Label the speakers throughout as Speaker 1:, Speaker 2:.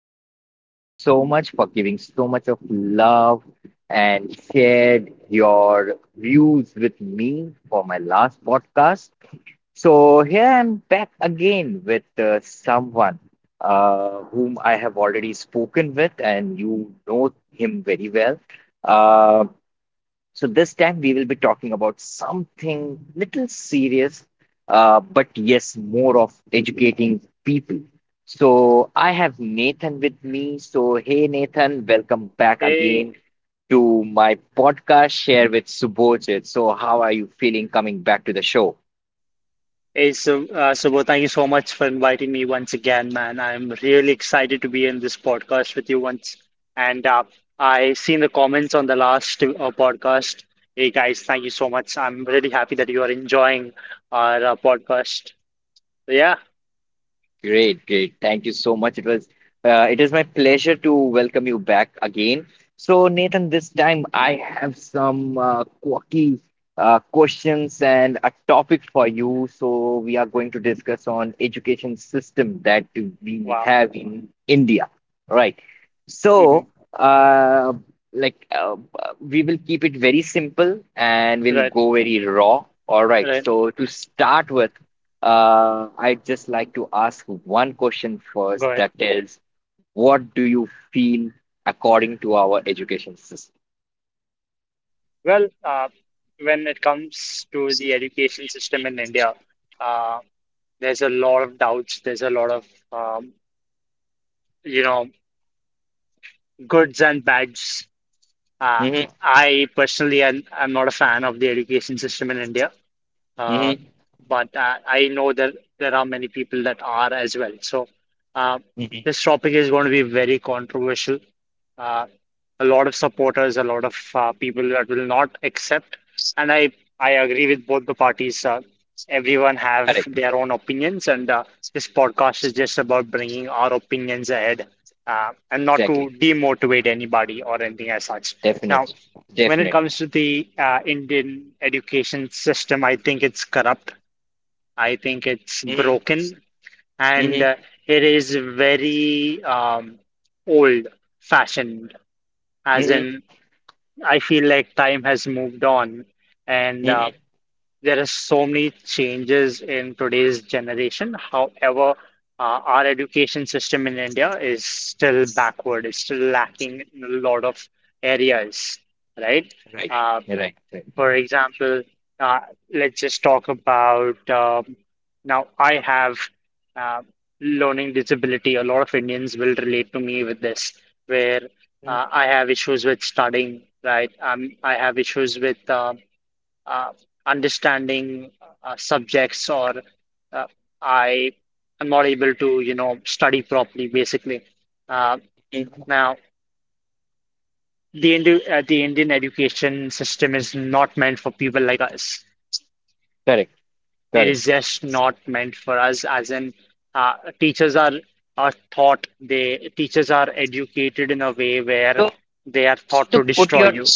Speaker 1: audience. Thank you so much for giving so much of love and shared your views with me for my last podcast. So, here I'm back again with someone whom I have already spoken with, and you know him very well. Uh, so this time we will be talking about something little serious, but yes, more of educating people. So I have Nathan with me. So hey Nathan, welcome back
Speaker 2: Hey,
Speaker 1: again to my podcast Share with Subodhit. So how are you feeling coming back to the show?
Speaker 2: Subodh, thank you so much for inviting me once again, man. I'm really excited to be in this podcast with you once. And I seen the comments on the last podcast. Hey, guys, thank you so much. I'm really happy that you are enjoying our podcast. So, Yeah,
Speaker 1: Great, great. Thank you so much. It is my pleasure to welcome you back again. So, Nathan, this time I have some quirky questions and a topic for you. So, we are going to discuss on education system that we
Speaker 2: wow.
Speaker 1: have in India, right?
Speaker 2: hmm
Speaker 1: So, uh, like, we will keep it very simple and we'll
Speaker 2: Right,
Speaker 1: go very raw. All right.
Speaker 2: right.
Speaker 1: So, to start with. I'd just like to ask one question
Speaker 2: Go
Speaker 1: first,
Speaker 2: ahead.
Speaker 1: that is, what do you feel according to our education system?
Speaker 2: Well, uh, when it comes to the education system in India, uh, there's a lot of doubts. There's a lot of, um, you know, goods and bads. Uh,
Speaker 1: Hmm.
Speaker 2: I personally am I'm not a fan of the education system in India. Uh,
Speaker 1: Hmm.
Speaker 2: but I know that there are many people that are as well. So uh,
Speaker 1: Hmm.
Speaker 2: this topic is going to be very controversial. Uh, a lot of supporters, a lot of people that will not accept, and I agree with both the parties. Everyone have
Speaker 1: Correct.
Speaker 2: their own opinions, and this podcast is just about bringing our opinions ahead, and not to
Speaker 1: Exactly.
Speaker 2: demotivate anybody or anything as such. Now,
Speaker 1: Definitely.
Speaker 2: when it
Speaker 1: Definitely.
Speaker 2: comes to the Indian education system, I think it's corrupt. I think it's
Speaker 1: Hmm.
Speaker 2: broken, and
Speaker 1: Hmm.
Speaker 2: uh, it is very old-fashioned. As
Speaker 1: Hmm.
Speaker 2: in, I feel like time has moved on, and
Speaker 1: Hmm.
Speaker 2: there are so many changes in today's generation. However, our education system in India is still backward. It's still lacking in a lot of areas, right?
Speaker 1: Right.
Speaker 2: Uh,
Speaker 1: Right. Right.
Speaker 2: for example, uh, let's just talk about now I have uh, learning disability. A lot of Indians will relate to me with this, where
Speaker 1: Mhm.
Speaker 2: I have issues with studying, right? I have issues with uh, understanding subjects, or uh, I am not able to, you know, study properly, basically. Uh,
Speaker 1: Mhm.
Speaker 2: Now, the Indi the Indian education system is not meant for people like us.
Speaker 1: Correct.
Speaker 2: It
Speaker 1: Correct.
Speaker 2: is just not meant for us, as in teachers are taught they teachers are educated in a way where
Speaker 1: So,
Speaker 2: they are
Speaker 1: so
Speaker 2: taught
Speaker 1: to
Speaker 2: to
Speaker 1: put
Speaker 2: destroy
Speaker 1: your
Speaker 2: you.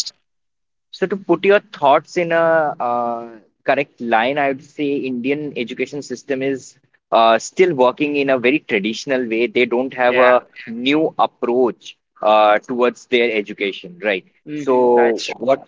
Speaker 1: So to put your thoughts in a correct line, I would say Indian education system is still working in a very traditional way. They don't have
Speaker 2: Yeah,
Speaker 1: a new approach towards their education, right?
Speaker 2: hmm
Speaker 1: So
Speaker 2: that's
Speaker 1: what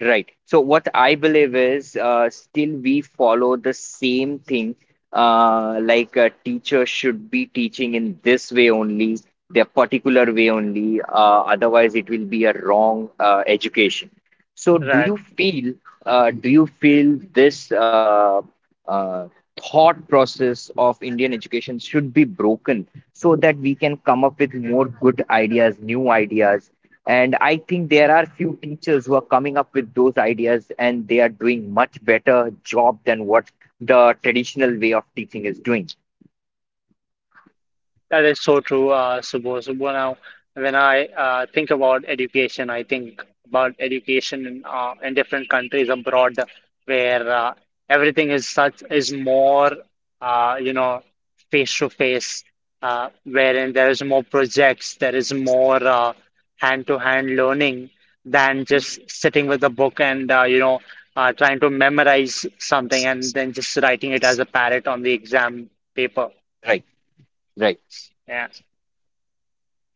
Speaker 1: Right. So what I believe is still we follow the same thing. Like a teacher should be teaching in this way only, their particular way only. Otherwise, it will be a wrong education. So do
Speaker 2: Right.
Speaker 1: you feel uh, do you feel this uh, thought process of Indian education should be broken so that we can come up with more good ideas, new ideas? And I think there are few teachers who are coming up with those ideas and they are doing much better job than what the traditional way of teaching is doing.
Speaker 2: That is so true, Subose. Well, now, when I think about education, I think about education in different countries abroad, where everything is such is more, uh, you know, face to face, wherein there is more projects, there is more hand-to-hand learning than
Speaker 1: Mhm.
Speaker 2: just sitting with a book and trying to memorize something and then just writing it as a parrot on the exam paper.
Speaker 1: Right, right.
Speaker 2: Yeah.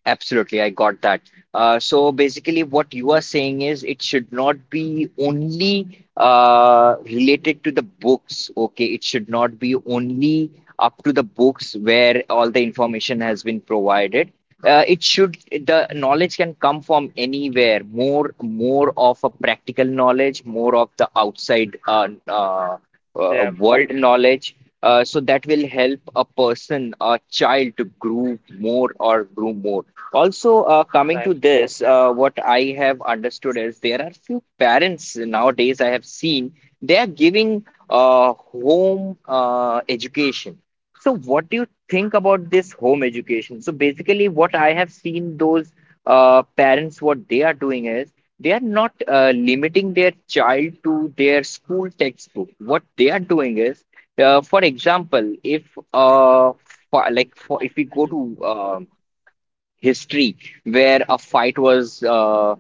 Speaker 1: Absolutely, I got that. So basically, what you are saying is it should not be only related to the books, okay? It should not be only up to the books where all the information has been provided. Uh, it should, the knowledge can come from anywhere, more of a practical knowledge, more of the outside
Speaker 2: Yeah.
Speaker 1: world knowledge. So that will help a person, a child, to grow more or grow more. Also, coming to
Speaker 2: Right.
Speaker 1: this, what I have understood is there are few parents nowadays I have seen they are giving home education. So, what do you think about this home education? So, basically, what I have seen those parents, what they are doing is they are not limiting their child to their school textbook. What they are doing is, for example, if uh, for
Speaker 2: Mhm.
Speaker 1: like for, if we go
Speaker 2: Mhm.
Speaker 1: to history where a fight was uh, uh,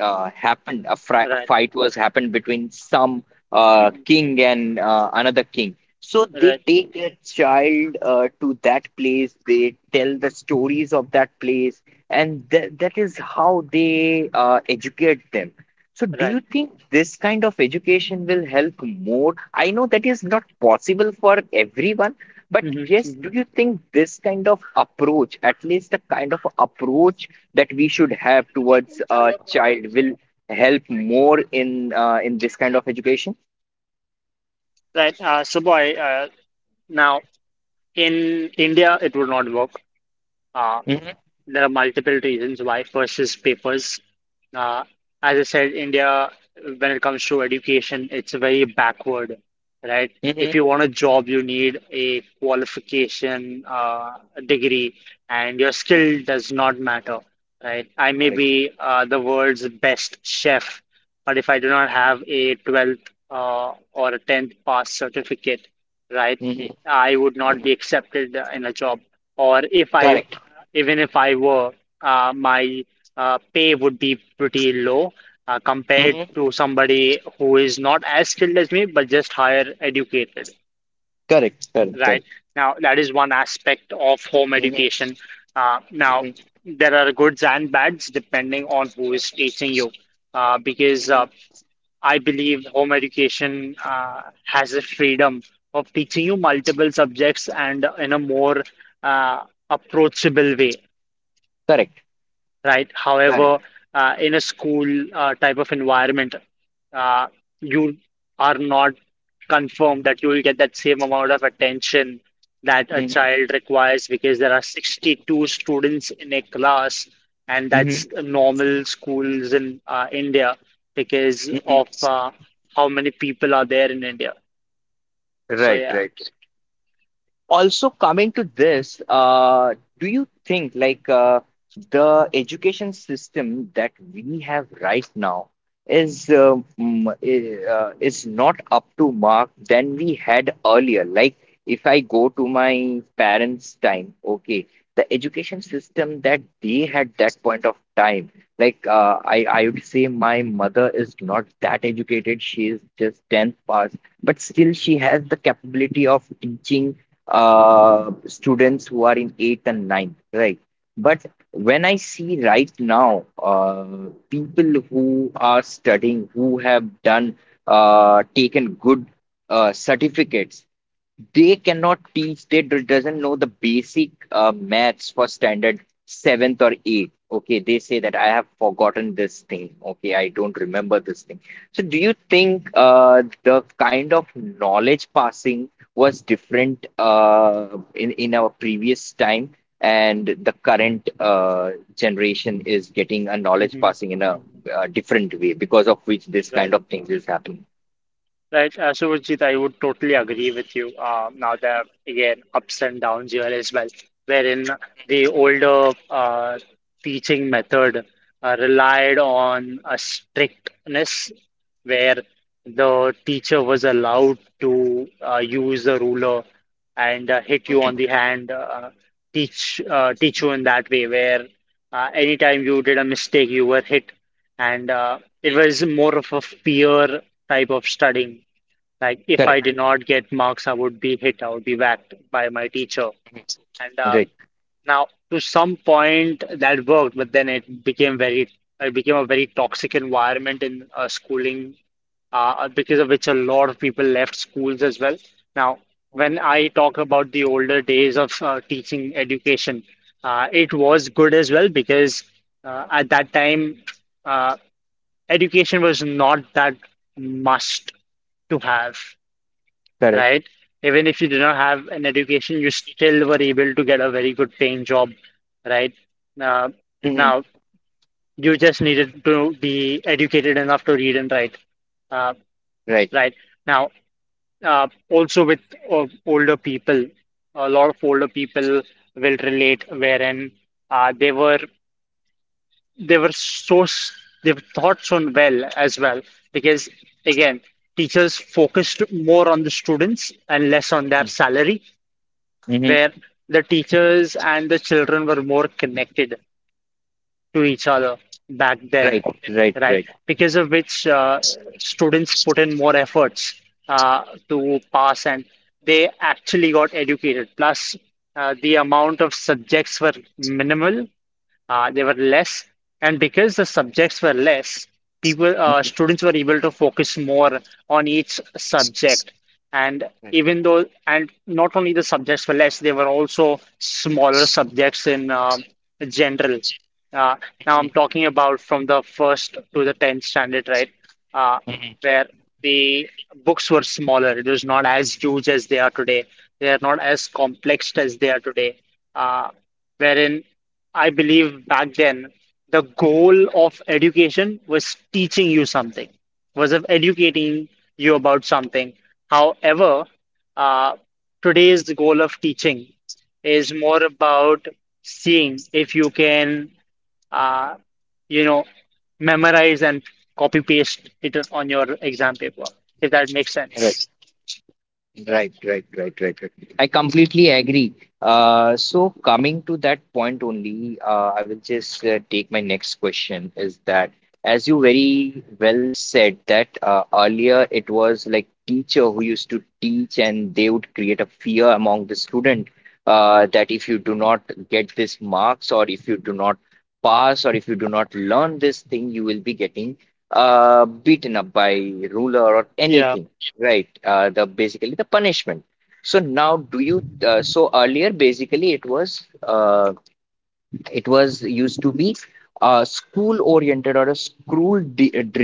Speaker 1: uh, happened, a, fri- a
Speaker 2: Right.
Speaker 1: fight was happened between some
Speaker 2: Mhm.
Speaker 1: king and another king. So they
Speaker 2: Right.
Speaker 1: take their child to that place, they tell the stories of that place, and that is how they educate them. So do you
Speaker 2: Right.
Speaker 1: think this kind of education will help more? I know that is not possible for everyone, but
Speaker 2: Mhm.
Speaker 1: yes, do
Speaker 2: Mhm.
Speaker 1: you think this kind of approach, at least the kind of approach that we should have towards a child, will help more in in this kind of education?
Speaker 2: Right. So, boy, now in India it would not work. Uh,
Speaker 1: Mm-hmm.
Speaker 2: There are multiple reasons why. First is papers. Uh, as I said, India, when it comes to education, it's very backward, right? If
Speaker 1: Mm-hmm.
Speaker 2: you want a job, you need a qualification, a degree, and your skill does not matter, right? I may be
Speaker 1: Correct.
Speaker 2: the world's best chef, but if I do not have a 12th or a 10th pass certificate, right,
Speaker 1: Mm-hmm.
Speaker 2: I would not be accepted in a job, or if I,
Speaker 1: Correct.
Speaker 2: even if I were, my pay would be pretty low compared
Speaker 1: Mm-hmm.
Speaker 2: to somebody who is not as skilled as me, but just higher educated,
Speaker 1: Correct. Correct.
Speaker 2: right?
Speaker 1: Correct.
Speaker 2: Now, that is one aspect of home
Speaker 1: Mm-hmm.
Speaker 2: education. Now, there are goods and bads depending on who is teaching you, because
Speaker 1: Mm-hmm.
Speaker 2: I believe home education has a freedom of teaching you multiple subjects and in a more uh, approachable way,
Speaker 1: Correct.
Speaker 2: right?
Speaker 1: Correct.
Speaker 2: However, in a school type of environment, uh, you are not confirmed that you will get that same amount of attention that a
Speaker 1: Mm-hmm.
Speaker 2: child requires because there are 62 students in a class, and that's normal schools in India because
Speaker 1: Mm-hmm.
Speaker 2: of how many people are there in India. So,
Speaker 1: Right.
Speaker 2: yeah.
Speaker 1: Right. Also, coming to this, do you think like the education system that we have right now is not up to mark than we had earlier? Like, if I go to my parents' time, okay, the education system that they had that point of time, like, I would say my mother is not that educated. She is just tenth pass, but still she has the capability of teaching students who are in eighth and ninth, right? But when I see right now, people who are studying, who have done, taken good certificates, they cannot teach. They doesn't know the basic maths for standard seventh or eighth. Okay, they say that I have forgotten this thing. Okay, I don't remember this thing. So do you think the kind of knowledge passing was different in our previous time, and the current generation is getting a
Speaker 2: hmm
Speaker 1: knowledge passing in a
Speaker 2: hmm
Speaker 1: different way because of which this kind of things is happening?
Speaker 2: Right, Surajit, I would totally agree with you. Now there are again ups and downs here as well, wherein the older teaching method relied on a strictness where the teacher was allowed to use the ruler and hit you on the hand, teach you in that way, where anytime you did a mistake, you were hit, and it was more of a fear type of studying, like if I did
Speaker 1: Correct.
Speaker 2: not get marks, I would be hit, I would be whacked by my teacher. And
Speaker 1: Right.
Speaker 2: now to some point that worked, but then it became very, it became a very toxic environment in schooling because of which a lot of people left schools as well. Now, when I talk about the older days of teaching education, it
Speaker 1: Mhm.
Speaker 2: was good as well because at that time, uh, education was not that must to have,
Speaker 1: Correct.
Speaker 2: right? Even if you do not have an education, you still were able to get a very good paying job, right? Uh, Now, you just needed to be educated enough to read and write, uh,
Speaker 1: Right.
Speaker 2: right? Now, also with older people, a lot of older people will relate wherein they were, they were so s- they thought so well as well because, again, teachers focused more on the students and less on their
Speaker 1: Mm-hmm.
Speaker 2: salary,
Speaker 1: Right.
Speaker 2: where the teachers and the children were more connected to each other back then,
Speaker 1: Right.
Speaker 2: right?
Speaker 1: Right.
Speaker 2: Because of which students put in more efforts uh, to pass and they actually got educated. Plus, the amount of subjects were minimal, they were less, and because the subjects were less, people
Speaker 1: Mm-hmm.
Speaker 2: students were able to focus more on each subject. And
Speaker 1: Right.
Speaker 2: even though, and not only the subjects were less, they were also smaller subjects in general. Uh, Now I'm talking about from the first to the tenth standard, right? Uh,
Speaker 1: Mhm.
Speaker 2: where the books were smaller. It was not as huge as they are today. They are not as complex as they are today. Uh, Wherein I believe back then the goal of education was teaching you something, was of educating you about something. However, uh, today's goal of teaching is more about seeing if you can, uh, you know, memorize and copy paste it on your exam paper, if that makes sense.
Speaker 1: Right. Right, right, right, right, right. I completely agree. So coming to that point only, I will just take my next question is that as you very well said that earlier it was like teacher who used to teach and they would create a fear among the student that if you do not get this marks or if you do not pass or if you do not learn this thing, you will be getting beaten up by ruler or
Speaker 2: Yeah,
Speaker 1: anything, right? The Basically the punishment. So now, do you? So earlier, basically, it was used to be a school oriented or a school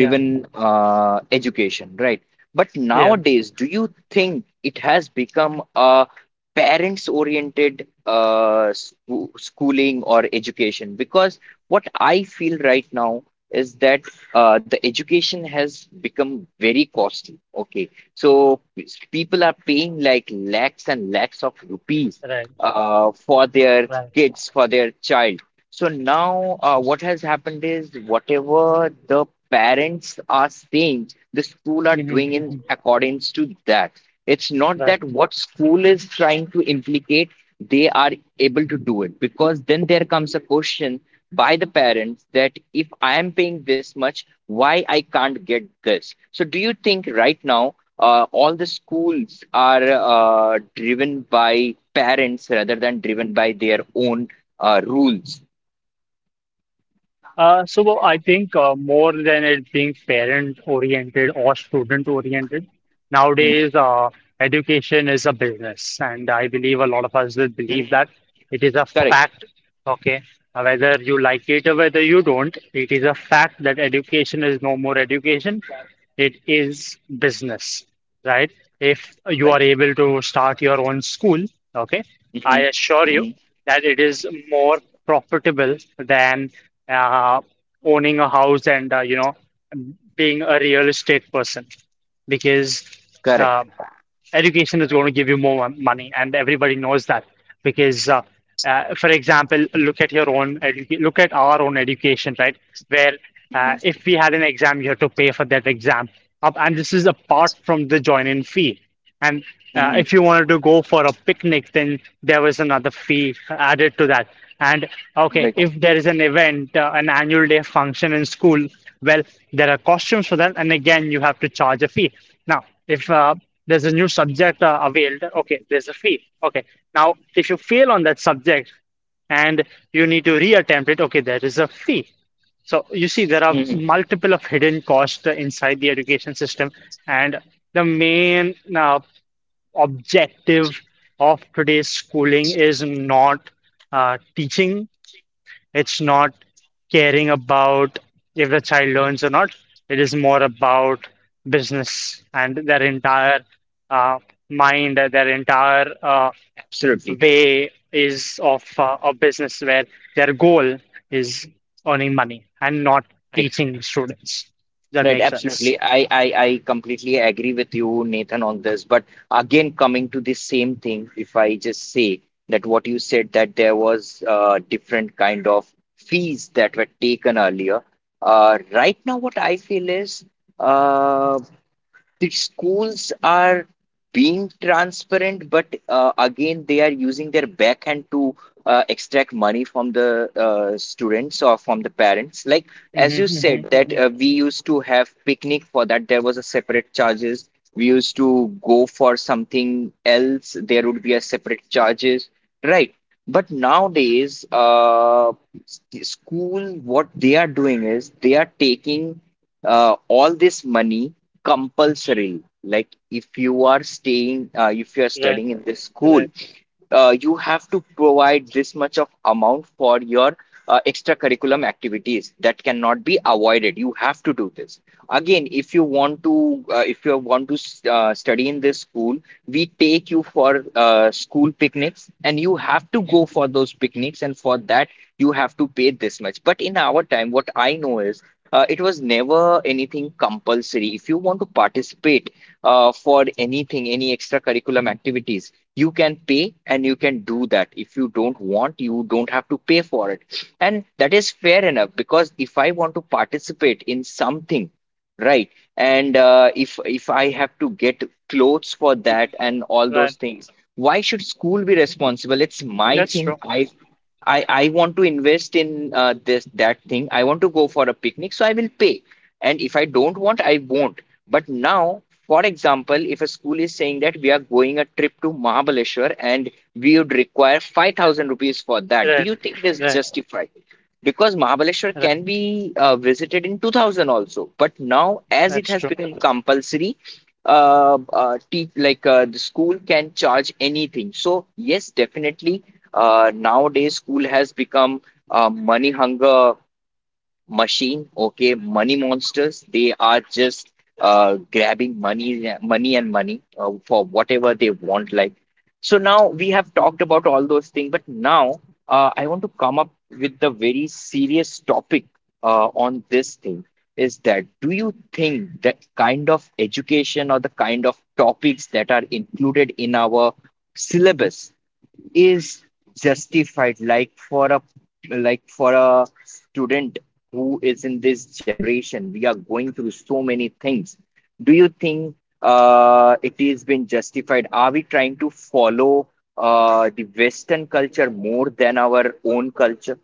Speaker 2: yeah,
Speaker 1: education, right? But
Speaker 2: yeah,
Speaker 1: nowadays, do you think it has become a parents oriented schooling or education? Because what I feel right now is that the education has become very costly. Okay. So people are paying like lakhs and lakhs of rupees
Speaker 2: right,
Speaker 1: for their
Speaker 2: right.
Speaker 1: kids, for their child. So now, what has happened is whatever the parents are saying, the school are
Speaker 2: hmm
Speaker 1: doing in
Speaker 2: hmm
Speaker 1: accordance to that. It's not that
Speaker 2: Right.
Speaker 1: what school is trying to implicate, they are able to do it because then there comes a question by the parents that if I am paying this much, why I can't get this? So do you think right now all the schools are driven by parents rather than driven by their own rules?
Speaker 2: So, I think more than it being parent oriented or student oriented,
Speaker 1: Mhm.
Speaker 2: nowadays education is a business, and I believe a lot of us will
Speaker 1: Mhm.
Speaker 2: believe that it is a
Speaker 1: Correct.
Speaker 2: fact. Okay, now, whether you like it or whether you don't, it is a fact that education is no more education. It is business, right? If you
Speaker 1: Right.
Speaker 2: are able to start your own school, okay,
Speaker 1: Mhm.
Speaker 2: I assure you
Speaker 1: Mhm.
Speaker 2: that it is more profitable than uh, owning a house and, being a real estate person, because
Speaker 1: Correct.
Speaker 2: uh, education is going to give you more money, and everybody knows that because, for example, look at our own education, right? Where
Speaker 1: Mhm.
Speaker 2: if we had an exam, you have to pay for that exam. And this is apart from the join-in fee. And
Speaker 1: Mhm.
Speaker 2: if you wanted to go for a picnic, then there was another fee added to that. And okay,
Speaker 1: Right.
Speaker 2: if there is an event, an annual day function in school, well, there are costumes for that, and again, you have to charge a fee. Now, if there's a new subject availed. Okay, there's a fail. Okay, now if you fail on that subject and you need to reattempt it, okay, there is a fee. So you see, there are
Speaker 1: Mhm.
Speaker 2: multiple of hidden costs inside the education system, and the main objective of today's schooling is not teaching, it's not caring about if the child learns or not. It is more about business, and their entire uh, mind, their entire
Speaker 1: Absolutely.
Speaker 2: way is of a business where their goal is earning money and not
Speaker 1: Right.
Speaker 2: teaching students. That
Speaker 1: Right.
Speaker 2: makes sense.
Speaker 1: Absolutely. I completely agree with you, Nathan, on this. But again, coming to the same thing, if I just say that what you said that there was different kind of fees that were taken earlier. Right now, what I feel is, uh. the schools are being transparent, but again, they are using their backhand to extract money from the students or from the parents. Like as
Speaker 2: hmm
Speaker 1: you
Speaker 2: hmm
Speaker 1: said, that
Speaker 2: hmm
Speaker 1: we used to have picnic for that. There was a separate charges. We used to go for something else. There would be a separate charges, right? But nowadays, the school, what they are doing is they are taking all this money compulsorily, like if you are
Speaker 2: Right,
Speaker 1: studying in this school,
Speaker 2: right,
Speaker 1: you have to provide this much of amount for your extracurriculum activities that cannot be avoided, you have to do this. Again, if you want to if you want to study in this school, we take you for school picnics and you have to go for those picnics, and for that you have to pay this much. But in our time what I know is, it was never anything compulsory. If you want to participate for anything, any extracurriculum activities, you can pay and you can do that. If you don't want, you don't have to pay for it, and that is fair enough. Because if I want to participate in something, right, and if I have to get clothes for
Speaker 2: mhm,
Speaker 1: that and all those
Speaker 2: right.
Speaker 1: things, why should school be responsible? It's my
Speaker 2: That's
Speaker 1: thing.
Speaker 2: true.
Speaker 1: I want to invest in this that thing. I want to go for a picnic, so I will pay. And if I don't want, I won't. But now, for example, if a school is saying that we are going a trip to Mahabaleshwar and we would require 5,000 rupees for that, do
Speaker 2: Right,
Speaker 1: you think this
Speaker 2: right,
Speaker 1: justified? Because Mahabaleshwar
Speaker 2: right.
Speaker 1: can be visited in 2000 also. But now, as it
Speaker 2: That's
Speaker 1: has
Speaker 2: true.
Speaker 1: become compulsory, te like the school can charge anything. So yes, definitely nowadays school has become a money hunger machine. Okay, money monsters. They are just grabbing money, money, and money for whatever they want. Like, so now we have talked about all those things, but now I want to come up with the very serious topic on this thing, is that do you think the kind of education or the kind of topics that are included in our syllabus is justified, like for a student who is in this generation? We are going through so many things. Do you think it is been justified? Are we trying to follow the western culture more than our own culture?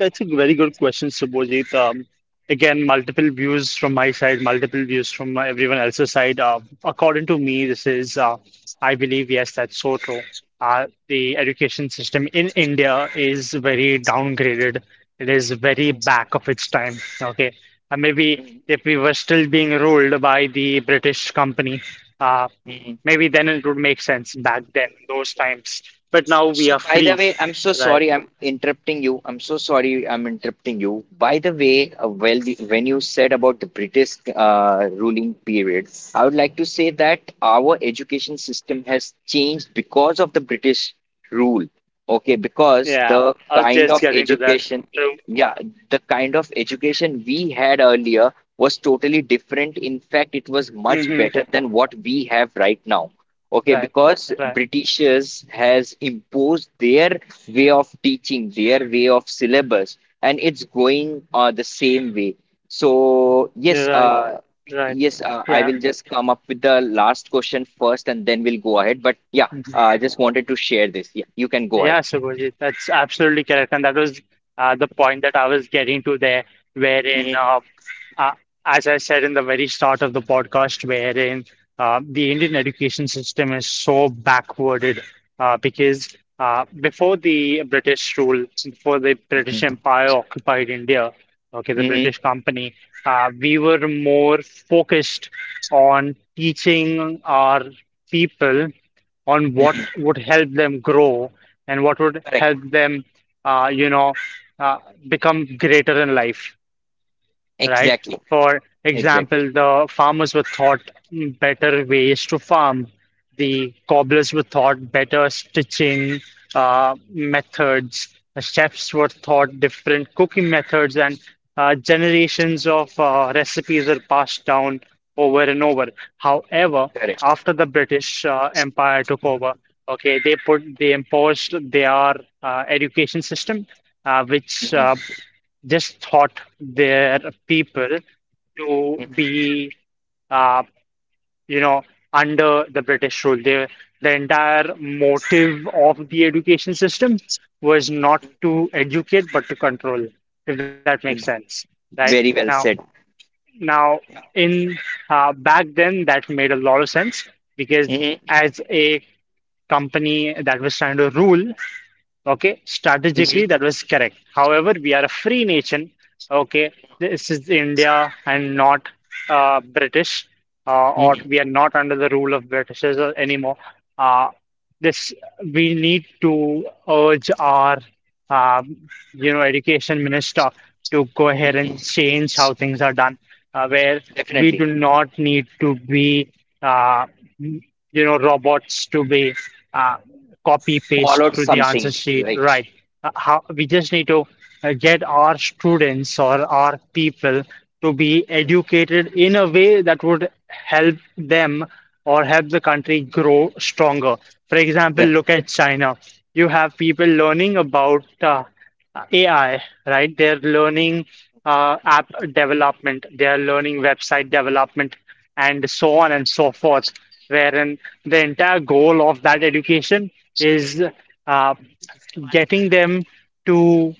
Speaker 2: That's a very good question, Subhojit. Again, multiple views from my side, multiple views from everyone else's side. According to me, this is, I believe, yes, that's so true. The education system in India is very downgraded. It is very back of its time. Okay, maybe if we were still being ruled by the British company, uh,
Speaker 1: Mhm.
Speaker 2: maybe then it would make sense back then, those times. But now we
Speaker 1: So,
Speaker 2: are
Speaker 1: by the
Speaker 2: free.
Speaker 1: way, I'm so
Speaker 2: Right.
Speaker 1: sorry I'm interrupting you. I'm so sorry I'm interrupting you. By the way, when you said about the British ruling period, I would like to say that our education system has changed because of the British rule. Okay, because
Speaker 2: Yeah,
Speaker 1: the
Speaker 2: I was
Speaker 1: kind
Speaker 2: just
Speaker 1: of
Speaker 2: getting to that.
Speaker 1: education,
Speaker 2: So,
Speaker 1: yeah, the kind of education we had earlier was totally different. In fact, it was much
Speaker 2: hmm
Speaker 1: better than what we have right now. Okay,
Speaker 2: right,
Speaker 1: because
Speaker 2: right,
Speaker 1: Britishers has imposed their way of teaching, their way of syllabus, and it's going the same way. So yes,
Speaker 2: you're right, right.
Speaker 1: yes, I
Speaker 2: Yeah,
Speaker 1: will just come up with the last question first, and then we'll go ahead. But yeah,
Speaker 2: hmm
Speaker 1: I just wanted to share this. Yeah, you can go ahead.
Speaker 2: Yeah, Subhajit, that's absolutely correct. And that was the point that I was getting to there, wherein
Speaker 1: Mhm,
Speaker 2: Uh, as I said in the very start of the podcast, wherein the Indian education system is so backwarded because before the British rule, before the British Empire occupied India, okay, the
Speaker 1: mhm,
Speaker 2: British company, we were more focused on teaching our people on what
Speaker 1: mhm.
Speaker 2: would help them grow and what would
Speaker 1: Correct.
Speaker 2: help them, uh, you know, uh, become greater in life, right?
Speaker 1: Exactly.
Speaker 2: For
Speaker 1: Exactly.
Speaker 2: example, the farmers were taught better ways to farm. The cobblers were taught better stitching methods. Chefs were taught different cooking methods, and generations of recipes are passed down over and over. However,
Speaker 1: Correct.
Speaker 2: after the British Empire took over, okay, they imposed their education system, which
Speaker 1: Mhm,
Speaker 2: just taught their people to be, uh, you know, under the British rule. They, the entire motive of the education system was not to educate, but to control, if that makes
Speaker 1: mhm.
Speaker 2: sense, right?
Speaker 1: Very
Speaker 2: Now,
Speaker 1: well said.
Speaker 2: now,
Speaker 1: Yeah.
Speaker 2: in back then, that made a lot of sense because
Speaker 1: Mhm,
Speaker 2: as a company that was trying to rule, okay,
Speaker 1: mhm,
Speaker 2: strategically that was correct. However, we are a free nation. Okay, this is India and not British, or
Speaker 1: mhm,
Speaker 2: we are not under the rule of British anymore. Uh, this we need to urge our, um, you know, education minister to go ahead and
Speaker 1: mhm.
Speaker 2: change how things are done, where we do
Speaker 1: Definitely.
Speaker 2: not need to be, uh, you know, robots to be. Uh, copy paste
Speaker 1: Followed
Speaker 2: to the
Speaker 1: something.
Speaker 2: answer sheet,
Speaker 1: Right,
Speaker 2: right? How we just need to get our students or our people to be educated in a way that would help them or help the country grow stronger. For example,
Speaker 1: right.
Speaker 2: look at China. You have people learning about AI, right? They're learning app development, they're learning website development, and so on and so forth wherein the entire goal of that education is uh, getting them to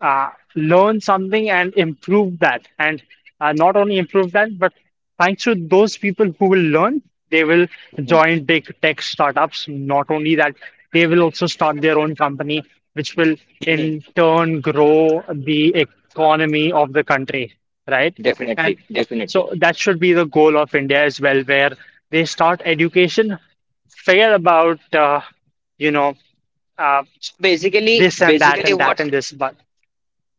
Speaker 2: uh, learn something and improve that. And not only improve that, but thanks to those people who will learn, they will
Speaker 1: Mhm.
Speaker 2: join big tech startups. Not only that, they will also start their own company, which will
Speaker 1: Mhm.
Speaker 2: in turn grow the economy of the country, right? And
Speaker 1: Definitely, definitely.
Speaker 2: so that should be the goal of India as well, where they start education, forget about you know uh,
Speaker 1: So basically,
Speaker 2: this and that
Speaker 1: basically
Speaker 2: and that
Speaker 1: what,
Speaker 2: and this, but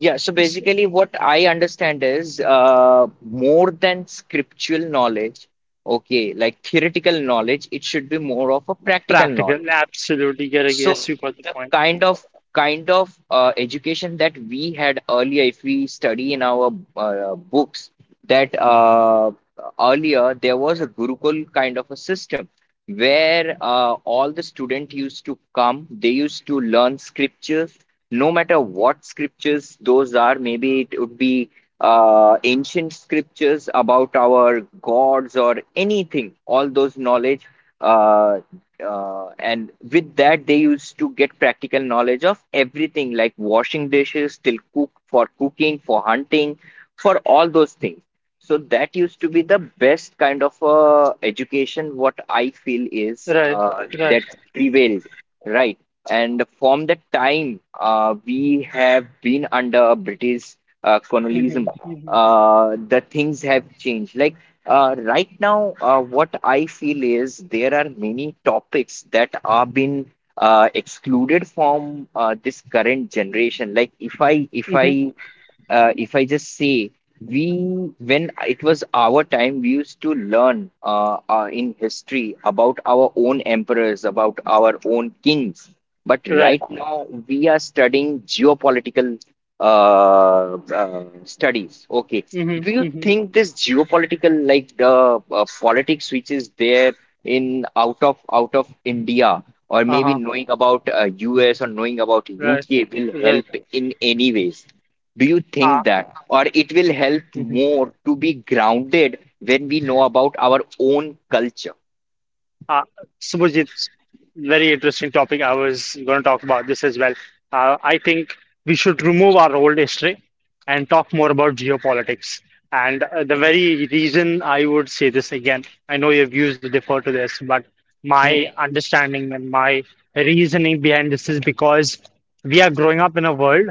Speaker 1: yeah, so
Speaker 2: s-
Speaker 1: basically what I understand is uh more than scriptural knowledge, okay, like theoretical knowledge, it should be more of a practical
Speaker 2: practical,
Speaker 1: knowledge.
Speaker 2: absolutely, Gary.
Speaker 1: So
Speaker 2: Yes, you got the
Speaker 1: the
Speaker 2: point.
Speaker 1: kind of, kind of education that we had earlier, if we study in our books, that earlier there was a Gurukul kind of a system where all the student used to come, they used to learn scriptures, no matter what scriptures those are. Maybe it would be ancient scriptures about our gods or anything, all those knowledge. uh, and with that they used to get practical knowledge of everything, like washing dishes till cook for cooking for hunting, for all those things. So that used to be the best kind of education, what I feel is,
Speaker 2: Right, right.
Speaker 1: that prevailed, right? And from the time we have been under British colonialism,
Speaker 2: Mm-hmm, mm-hmm,
Speaker 1: the things have changed. Like right now, what I feel is there are many topics that are been excluded from this current generation. Like if I if
Speaker 2: mm-hmm.
Speaker 1: I if I just say, we, when it was our time, we used to learn in history about our own emperors, about our own kings. But
Speaker 2: Right.
Speaker 1: right now, we are studying geopolitical studies. Okay,
Speaker 2: Mm-hmm,
Speaker 1: do you
Speaker 2: mm-hmm.
Speaker 1: think this geopolitical, like the politics which is there in out of India? Or maybe
Speaker 2: Uh-huh.
Speaker 1: knowing about US or knowing about
Speaker 2: Right,
Speaker 1: UK will
Speaker 2: right.
Speaker 1: help in any ways. Do you think
Speaker 2: Ah,
Speaker 1: that, or it will help
Speaker 2: mm-hmm.
Speaker 1: more to be grounded when we know about our own culture?
Speaker 2: Ah, very interesting topic. I was going to talk about this as well. I think we should remove our old history and talk more about geopolitics. And the very reason I would say this again, I know your views differ to this, but my understanding and my reasoning behind this is because we are growing up in a world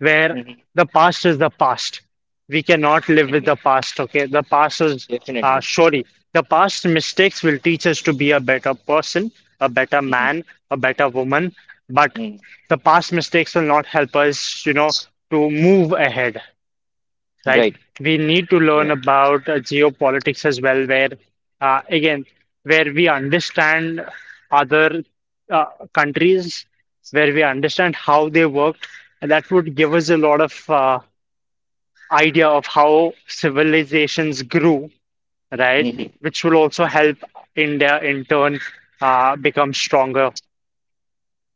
Speaker 2: where
Speaker 1: Mhm, mhm,
Speaker 2: the past is the past. We cannot live with
Speaker 1: mhm.
Speaker 2: the past, okay? The past is
Speaker 1: Definitely.
Speaker 2: surely the past mistakes will teach us to be a better person, a better
Speaker 1: Mhm,
Speaker 2: man, a better woman, but
Speaker 1: mhm.
Speaker 2: the past mistakes will not help us, you know, to move ahead, right?
Speaker 1: Right.
Speaker 2: We need to learn
Speaker 1: Right.
Speaker 2: about geopolitics as well, where again, where we understand other uh, countries, where we understand how they worked, and that would give us a lot of idea of how civilizations grew, right?
Speaker 1: Mhm,
Speaker 2: Which will also help India in turn become stronger.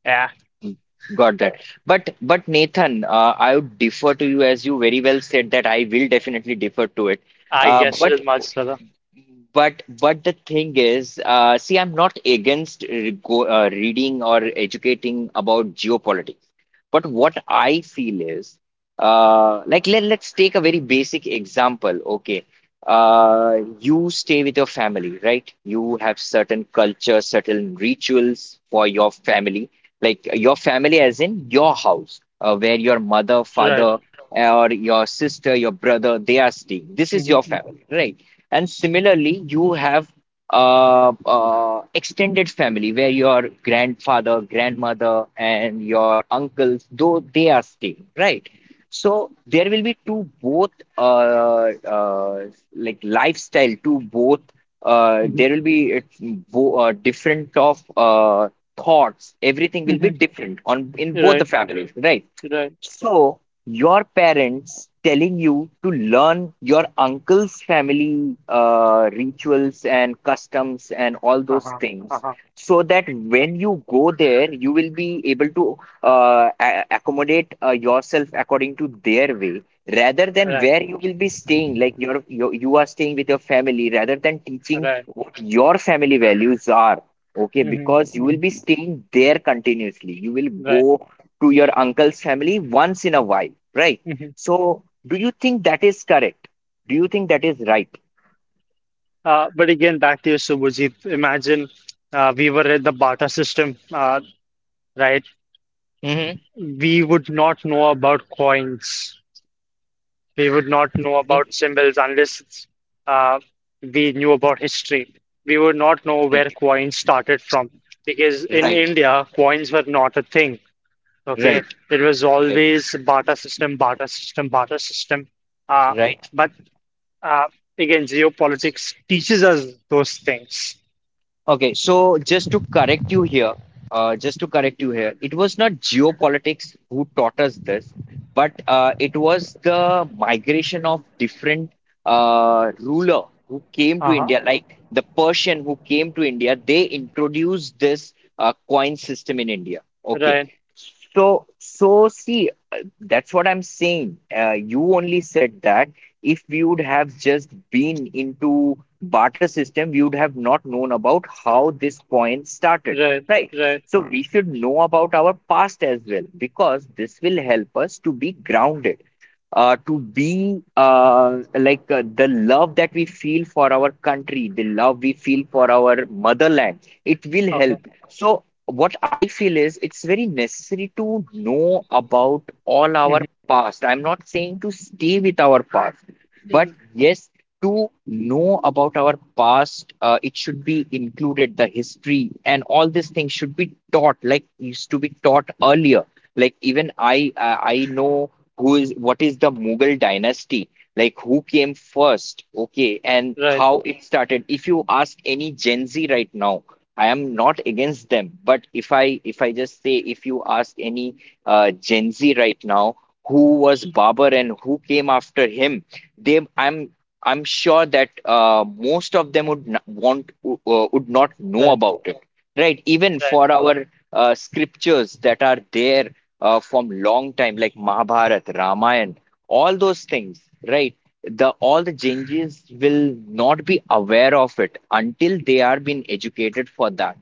Speaker 2: Yeah,
Speaker 1: mhm. Got that. But Nathan, I would defer to you. As you very well said that I will definitely defer to it.
Speaker 2: I
Speaker 1: Uh,
Speaker 2: guess it
Speaker 1: but
Speaker 2: is much brother.
Speaker 1: but the thing is, see, I'm not against reading or educating about geopolitics. But what I feel is, like let's take a very basic example. Okay, you stay with your family, right? You have certain culture, certain rituals for your family, like your family as in your house, where your mother,
Speaker 2: Right.
Speaker 1: father, or your sister, your brother, they are staying. This is your
Speaker 2: Hmm,
Speaker 1: family, right? And similarly, you have extended family where your grandfather, grandmother, and your uncles, though they are staying, right? So there will be two, both uh, uh, like lifestyle to both.
Speaker 2: hmm,
Speaker 1: There will be it's bo different of thoughts. Everything will be
Speaker 2: hmm.
Speaker 1: different on in both
Speaker 2: Right.
Speaker 1: the families, right?
Speaker 2: Right.
Speaker 1: So, your parents telling you to learn your uncle's family rituals and customs and all those
Speaker 2: Uh-huh.
Speaker 1: things,
Speaker 2: Uh-huh.
Speaker 1: so that when you go there, you will be able to accommodate yourself according to their way, rather than
Speaker 2: Right.
Speaker 1: where you will be staying. Like your you are staying with your family, rather than teaching
Speaker 2: Right.
Speaker 1: what your family values are. Okay,
Speaker 2: Hmm,
Speaker 1: because you will
Speaker 2: hmm.
Speaker 1: be staying there continuously. You will
Speaker 2: Right.
Speaker 1: go to your uncle's family once in a while, right?
Speaker 2: Hmm.
Speaker 1: So, do you think that is correct? Do you think that is right?
Speaker 2: But again, back to you, Subhajit. Imagine we were at the barter system, right?
Speaker 1: Mm-hmm.
Speaker 2: We would not know about coins. We would not know
Speaker 1: Definitely.
Speaker 2: about symbols unless uh, we knew about history. We would not know where coins started from because in
Speaker 1: Right.
Speaker 2: India, coins were not a thing. Okay,
Speaker 1: Right.
Speaker 2: it was
Speaker 1: Right.
Speaker 2: always barter system, barter system, barter system. Uh,
Speaker 1: Right.
Speaker 2: but Uh, again, geopolitics teaches us those things.
Speaker 1: Okay, so just to correct you here, just to correct you here, it was not geopolitics who taught us this, but it was the migration of different ruler who came to
Speaker 2: Uh huh.
Speaker 1: India, like the Persian who came to India. They introduced this coin system in India. Okay,
Speaker 2: Right.
Speaker 1: so see, that's what I'm saying. You only said that if we would have just been into barter system, we would have not known about how this coin started,
Speaker 2: Right.
Speaker 1: right?
Speaker 2: Right.
Speaker 1: So we should know about our past as well, because this will help us to be grounded, to be, like, the love that we feel for our country, the love we feel for our motherland, it will
Speaker 2: Okay.
Speaker 1: help. So, what I feel is it's very necessary to know about all
Speaker 2: Hmm.
Speaker 1: our past. I'm not saying to stay with our past, but
Speaker 2: Mhm.
Speaker 1: yes, to know about our past, it should be included. The history and all these things should be taught, like used to be taught earlier. Like even I know who is what is the Mughal dynasty, like who came first, okay, and
Speaker 2: Right.
Speaker 1: how it started. If you ask any Gen Z right now, I am not against them, but if I just say, if you ask any Gen Z right now, who was Babur and who came after him, they I'm sure that most of them would not would not know
Speaker 2: Right.
Speaker 1: about it, right? Even
Speaker 2: Right.
Speaker 1: for our scriptures that are there from long time, like Mahabharat, Ramayana, all those things, right? The all the changes will not be aware of it until they are being educated for that.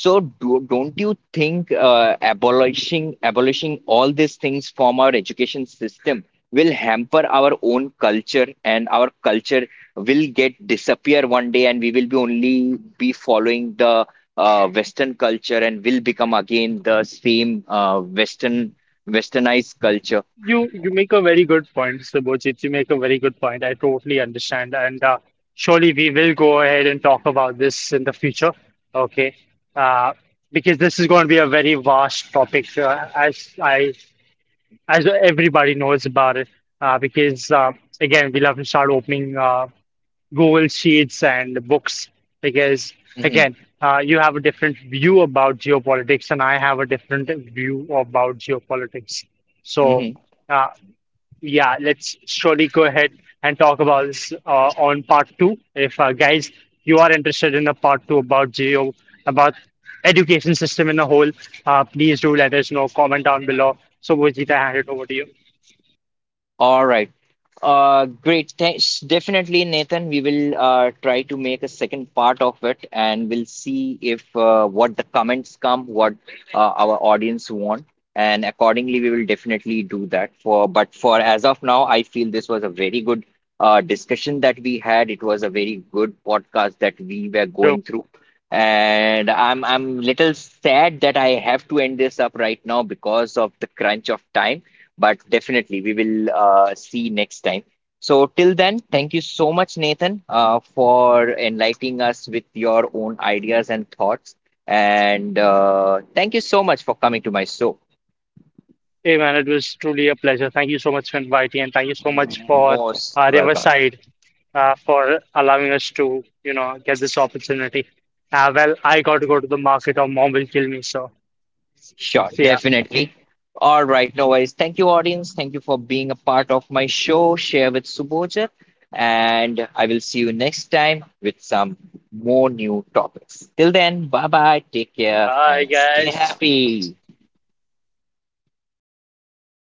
Speaker 1: So don't you think abolishing all these things from our education system will hamper our own culture, and our culture will get disappear one day, and we will be only be following the western culture and will become again the same westernized culture?
Speaker 2: You make a very good point, Mr. Bojit. You make a very good point. I totally understand, and surely we will go ahead and talk about this in the future. Okay. Uh, because this is going to be a very vast topic, as everybody knows about it. Because again, we'll have to start opening Google Sheets and books because,
Speaker 1: Mhm,
Speaker 2: again, you have a different view about geopolitics, and I have a different view about geopolitics. So,
Speaker 1: mhm.
Speaker 2: uh, yeah, let's surely go ahead and talk about this on part 2. If guys, you are interested in a part 2 about about education system in a whole, please do let us know. Comment down below. So, Vojita, I hand it over to you.
Speaker 1: All right. Great. Thanks. Definitely, Nathan. We will try to make a second part of it, and we'll see if, what the comments come, what our audience want, and accordingly, we will definitely do that. For, but for as of now, I feel this was a very good discussion that we had. It was a very good podcast that we were
Speaker 2: So.
Speaker 1: going through, and I'm little sad that I have to end this up right now because of the crunch of time, but definitely we will see next time. So, till then, thank you so much, Nathan, for enlightening us with your own ideas and thoughts. And thank you so much for coming to my show.
Speaker 2: Hey man, it was truly a pleasure. Thank you so much for inviting, and thank you so much for
Speaker 1: Most welcome.
Speaker 2: Riverside for allowing us to, you know, get this opportunity. Well, I got to go to the market or mom will kill me. So,
Speaker 1: Sure,
Speaker 2: see ya.
Speaker 1: definitely. All right, no worries. Thank you, audience. Thank you for being a part of my show, Share with Subodh. And I will see you next time with some more new topics. Till then, bye bye, take care,
Speaker 2: Bye,
Speaker 1: and stay
Speaker 2: guys.
Speaker 1: happy.